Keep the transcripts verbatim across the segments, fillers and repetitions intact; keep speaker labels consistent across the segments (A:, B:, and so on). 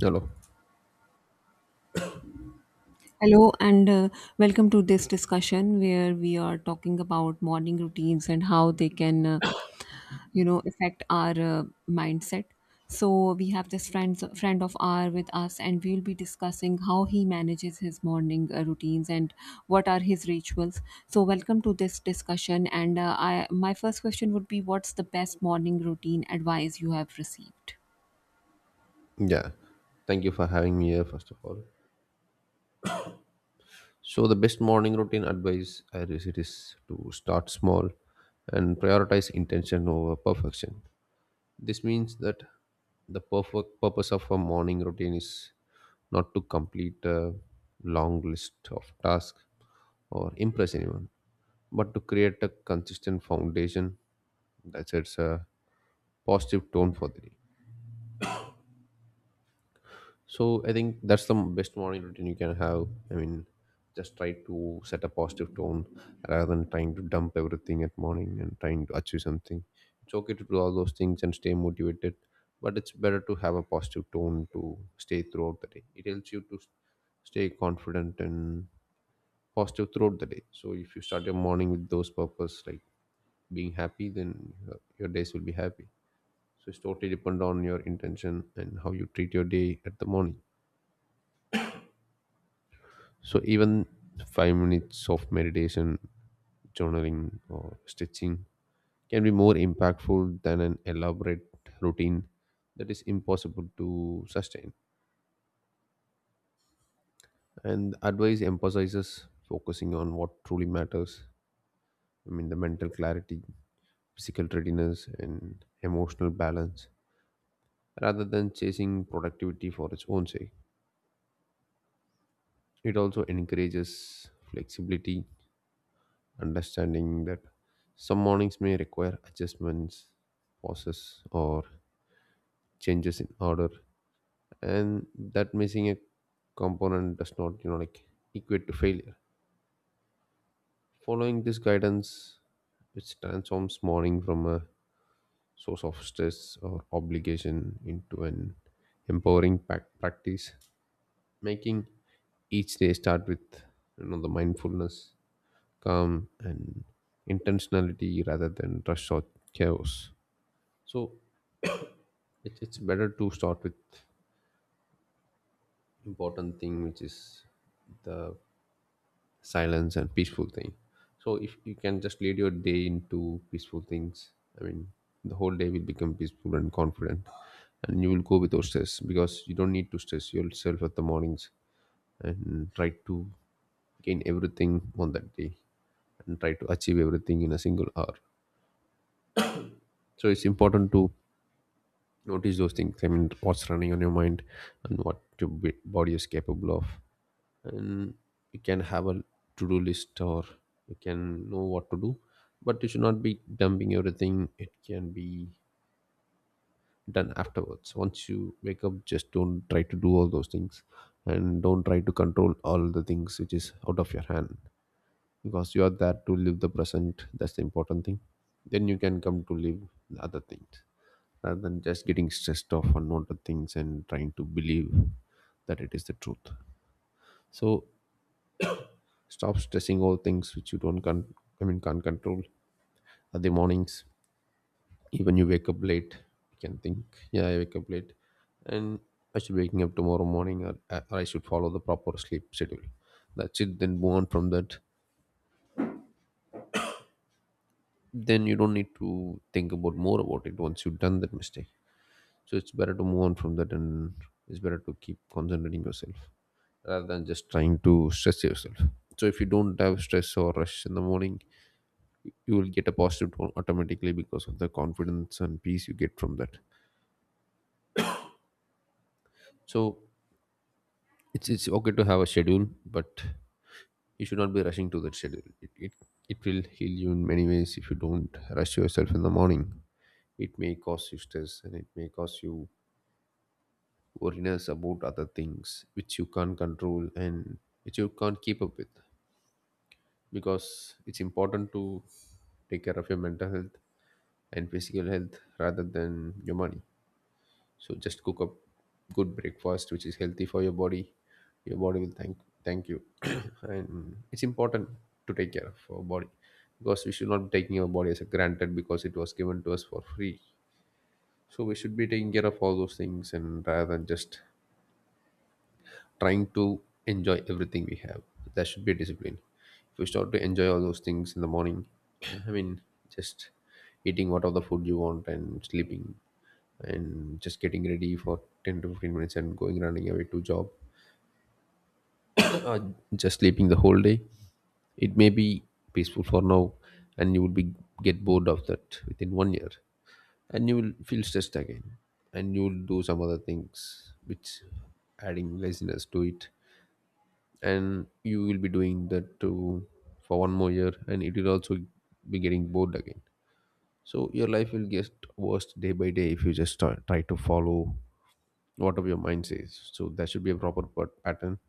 A: Hello.
B: Hello, and uh, welcome to this discussion where we are talking about morning routines and how they can, uh, you know, affect our uh, mindset. So we have this friend friend of ours with us, and we will be discussing how he manages his morning uh, routines and what are his rituals. So welcome to this discussion, and uh, I my first question would be, what's the best morning routine advice you have received?
A: Yeah. Thank you for having me here, first of all. So, the best morning routine advice I receive is to start small and prioritize intention over perfection. This means that the perfect purpose of a morning routine is not to complete a long list of tasks or impress anyone, but to create a consistent foundation that sets a positive tone for the day. So I think that's the best morning routine you can have. I mean, just try to set a positive tone rather than trying to dump everything at morning and trying to achieve something. It's okay to do all those things and stay motivated, but it's better to have a positive tone to stay throughout the day. It helps you to s- stay confident and positive throughout the day. So if you start your morning with those purpose, like being happy, then your your days will be happy. So it's totally depend on your intention and how you treat your day at the morning. So even five minutes of meditation, journaling, or stretching can be more impactful than an elaborate routine that is impossible to sustain. And the advice emphasizes focusing on what truly matters. I mean, the mental clarity, physical readiness, and emotional balance, rather than chasing productivity for its own sake. It also encourages flexibility understanding that some mornings may require adjustments, pauses, or changes in order, and that missing a component does not, you know, like equate to failure. Following this guidance, which transforms morning from a source of stress or obligation into an empowering pac- practice, making each day start with you know the mindfulness, calm, and intentionality rather than rush or chaos. So it, it's better to start with important thing, which is the silence and peaceful thing. So if you can just lead your day into peaceful things, I mean, the whole day will become peaceful and confident, and you will go without stress because you don't need to stress yourself at the mornings and try to gain everything on that day and try to achieve everything in a single hour. So it's important to notice those things. I mean, what's running on your mind and what your b- body is capable of, and you can have a to-do list or you can know what to do, but you should not be dumping everything. It can be done afterwards once you wake up. Just don't try to do all those things, and don't try to control all the things which is out of your hand, because you are there to live the present. That's the important thing. Then you can come to live the other things rather than just getting stressed off on all the things and trying to believe that it is the truth. So stop stressing all things which you don't con- I mean can't control. At the mornings, even you wake up late, you can think, yeah, I wake up late, and I should be waking up tomorrow morning, or, or I should follow the proper sleep schedule. That's it. Then move on from that. Then you don't need to think about more about it once you've done that mistake. So it's better to move on from that, and it's better to keep concentrating yourself rather than just trying to stress yourself. So if you don't have stress or rush in the morning, you will get a positive tone automatically because of the confidence and peace you get from that. So it's it's okay to have a schedule, but you should not be rushing to that schedule. It, it it will heal you in many ways if you don't rush yourself in the morning. It may cause you stress, and it may cause you worriness about other things which you can't control and which you can't keep up with, because it's important to take care of your mental health and physical health rather than your money. So just cook up good breakfast which is healthy for your body. Your body will thank thank you and it's important to take care of our body, because we should not be taking our body as a granted because it was given to us for free. So we should be taking care of all those things and rather than just trying to enjoy everything we have. That should be a discipline. If you start to enjoy all those things in the morning, I mean, just eating what of the food you want and sleeping and just getting ready for ten to fifteen minutes and going running away to job or just sleeping the whole day, it may be peaceful for now, and you will be get bored of that within one year, and you will feel stressed again, and you will do some other things which adding laziness to it, and you will be doing that to for one more year, and it will also be getting bored again. So your life will get worse day by day if you just start, try to follow whatever your mind says. So there should be a proper pat- pattern.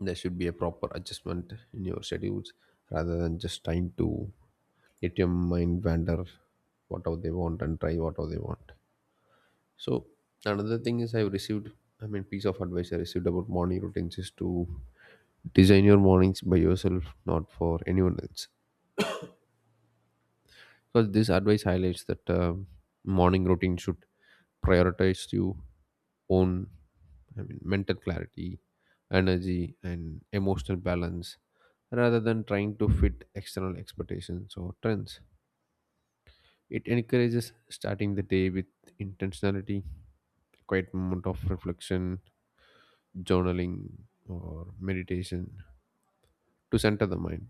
A: There should be a proper adjustment in your schedules rather than just trying to let your mind wander whatever they want and try whatever they want. So another thing is I've received I mean piece of advice I received about morning routines is to design your mornings by yourself, not for anyone else. Because this advice highlights that um morning routine should prioritize your own, I mean, mental clarity, energy, and emotional balance rather than trying to fit external expectations or trends. It encourages starting the day with intentionality, quiet moment of reflection, journaling, or meditation to center the mind.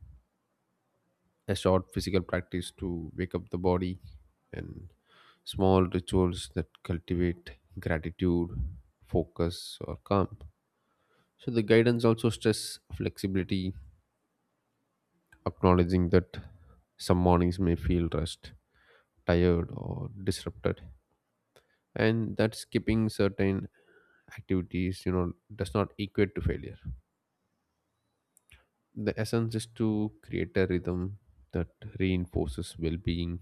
A: A short physical practice to wake up the body, and small rituals that cultivate gratitude, focus, or calm. So the guidance also stress flexibility, acknowledging that some mornings may feel rushed, tired, or disrupted, and that skipping certain activities, you know, does not equate to failure. The essence is to create a rhythm that reinforces well-being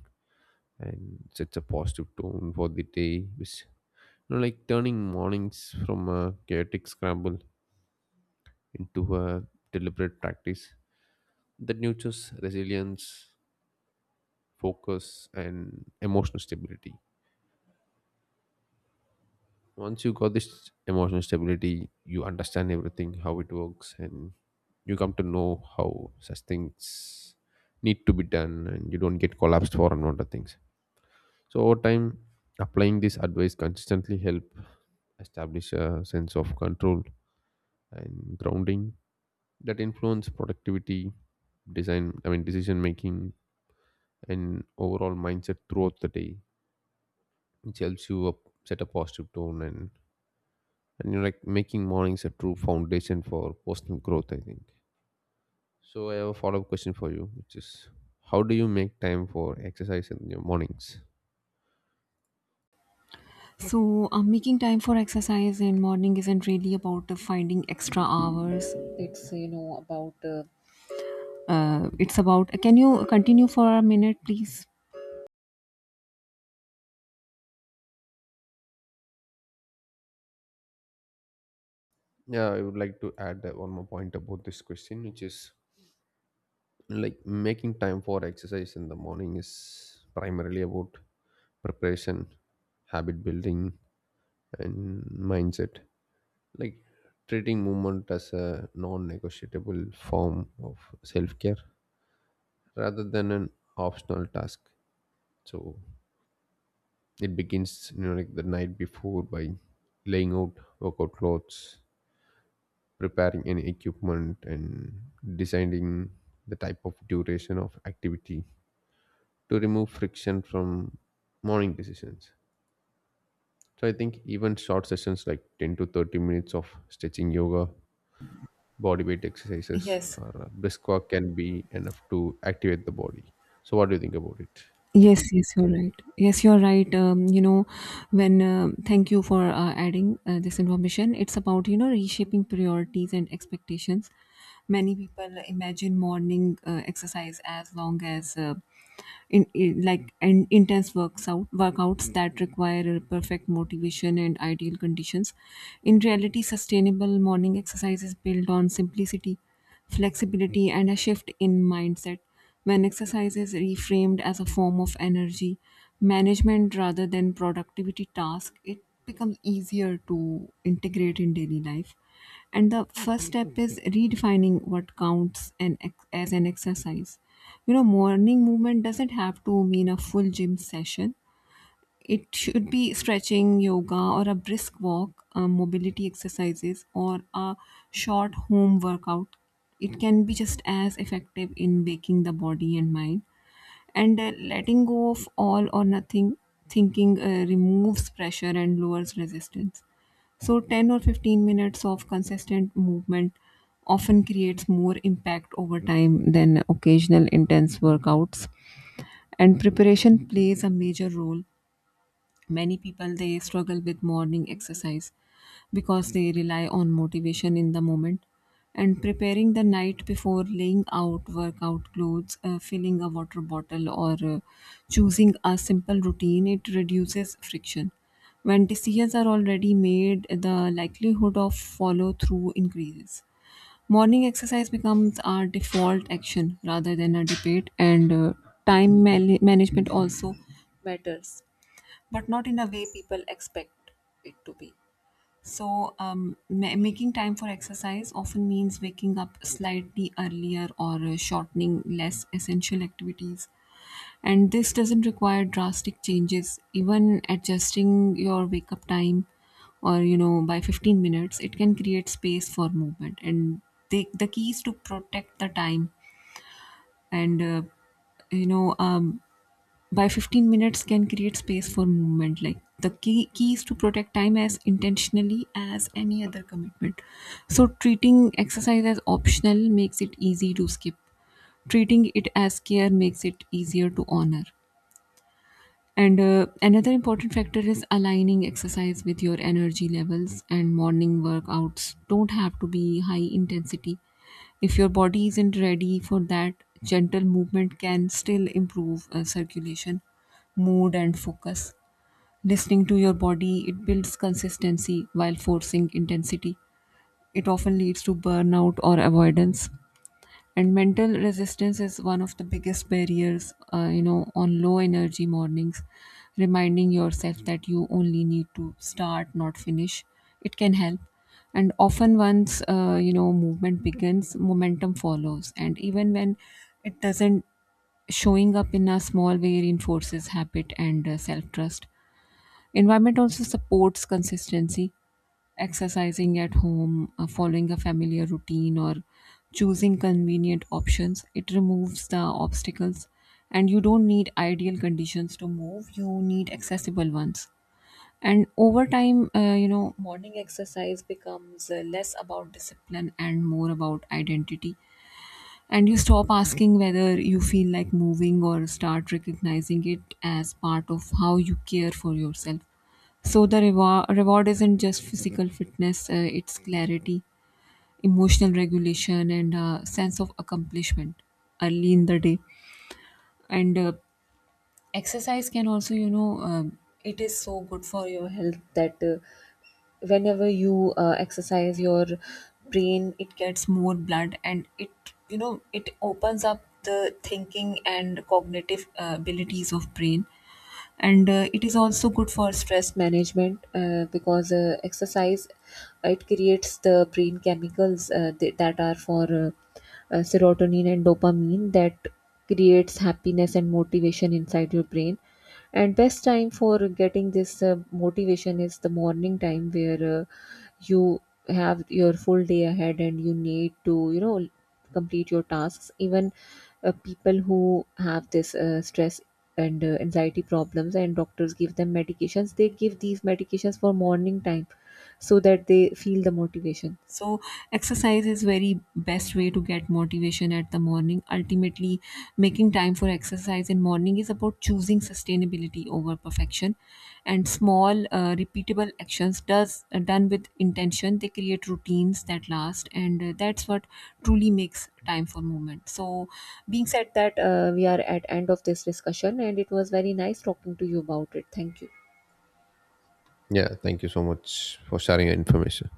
A: and sets a positive tone for the day, which, you know, like turning mornings from a chaotic scramble into a deliberate practice that nurtures resilience, focus, and emotional stability. Once you got this emotional stability, you understand everything, how it works, and you come to know how such things need to be done, and you don't get collapsed for unwanted things. So over time, applying this advice consistently help establish a sense of control and grounding that influence productivity, design, I mean, decision making, and overall mindset throughout the day, which helps you up, set a positive tone, and and you're like making mornings a true foundation for personal growth. I think. So I have a follow up question for you, which is, how do you make time for exercise in your mornings?
B: So, uh, making time for exercise in morning isn't really about uh, finding extra hours. It's you know about uh, uh, it's about. Can you continue for a minute, please?
A: Yeah, I would like to add that one more point about this question, which is like making time for exercise in the morning is primarily about preparation, habit building, and mindset, like treating movement as a non-negotiable form of self-care rather than an optional task. So it begins, you know, like the night before, by laying out workout clothes, preparing any equipment, and deciding the type of duration of activity to remove friction from morning decisions. So I think even short sessions like ten to thirty minutes of stretching, yoga, body weight exercises,
B: Yes.
A: or a brisk walk can be enough to activate the body. So, what do you think about it?
B: Yes, yes, you're right. Yes, you're right. Um, you know, when uh, Thank you for uh, adding uh, this information. It's about you know reshaping priorities and expectations. Many people imagine morning uh, exercise as long as uh, in, in like and intense works out workouts that require a perfect motivation and ideal conditions. In reality, sustainable morning exercise is built on simplicity, flexibility, and a shift in mindset. When exercise is reframed as a form of energy management rather than productivity task, it becomes easier to integrate in daily life. And the first step is redefining what counts an ex- as an exercise. You know, morning movement doesn't have to mean a full gym session. It should be stretching, yoga, or a brisk walk, uh, mobility exercises, or a short home workout. It can be just as effective in waking the body and mind. And uh, letting go of all or nothing thinking uh, removes pressure and lowers resistance. So, ten or fifteen minutes of consistent movement often creates more impact over time than occasional intense workouts. And preparation plays a major role. Many people they struggle with morning exercise because they rely on motivation in the moment, and preparing the night before, laying out workout clothes, uh, filling a water bottle, or uh, choosing a simple routine, it reduces friction. When decisions are already made, the likelihood of follow through increases. Morning exercise becomes our default action rather than a debate. And uh, time man- management also matters, but not in a way people expect it to be. So, um, ma- making time for exercise often means waking up slightly earlier or uh, shortening less essential activities. And this doesn't require drastic changes. Even adjusting your wake up time or you know by fifteen minutes, it can create space for movement. And the, the key is to protect the time, and uh, you know um, by fifteen minutes can create space for movement. Like the key, key is to protect time as intentionally as any other commitment. So treating exercise as optional makes it easy to skip; treating it as care makes it easier to honor. And uh, another important factor is aligning exercise with your energy levels, and morning workouts don't have to be high intensity. If your body isn't ready for that, gentle movement can still improve uh, circulation, mood, and focus. Listening to your body, it builds consistency, while forcing intensity, it often leads to burnout or avoidance. And mental resistance is one of the biggest barriers. Uh, you know on low energy mornings, reminding yourself that you only need to start, not finish, it can help. And often, once uh, you know movement begins, momentum follows. And even when it doesn't, showing up in a small way reinforces habit and uh, self trust. Environment also supports consistency. Exercising at home, uh, following a familiar routine, or choosing convenient options, it removes the obstacles, and you don't need ideal conditions to move, you need accessible ones. And over time, uh, you know, morning exercise becomes uh, less about discipline and more about identity. And you stop asking whether you feel like moving or start recognizing it as part of how you care for yourself. So the reward reward isn't just physical fitness; uh, it's clarity, emotional regulation, and uh, sense of accomplishment early in the day. And uh, exercise can also, you know, um, it is so good for your health that uh, whenever you uh, exercise, your brain, it gets more blood, and it you know it opens up the thinking and cognitive uh, abilities of brain. And uh, it is also good for stress management uh, because uh, exercise, uh, it creates the brain chemicals uh, th- that are for uh, uh, serotonin and dopamine that creates happiness and motivation inside your brain. And best time for getting this uh, motivation is the morning time where uh, you have your full day ahead and you need to you know complete your tasks. Even uh, people who have this uh, stress and uh, anxiety problems, and doctors give them medications, they give these medications for morning time so that they feel the motivation. So exercise is very best way to get motivation at the morning. Ultimately, making time for exercise in morning is about choosing sustainability over perfection, and small uh, repeatable actions does uh, done with intention, they create routines that last. And uh, that's what truly makes time for movement. So being said that, uh, we are at end of this discussion, and it was very nice talking to you about it. Thank you.
A: Yeah, thank you so much for sharing your information.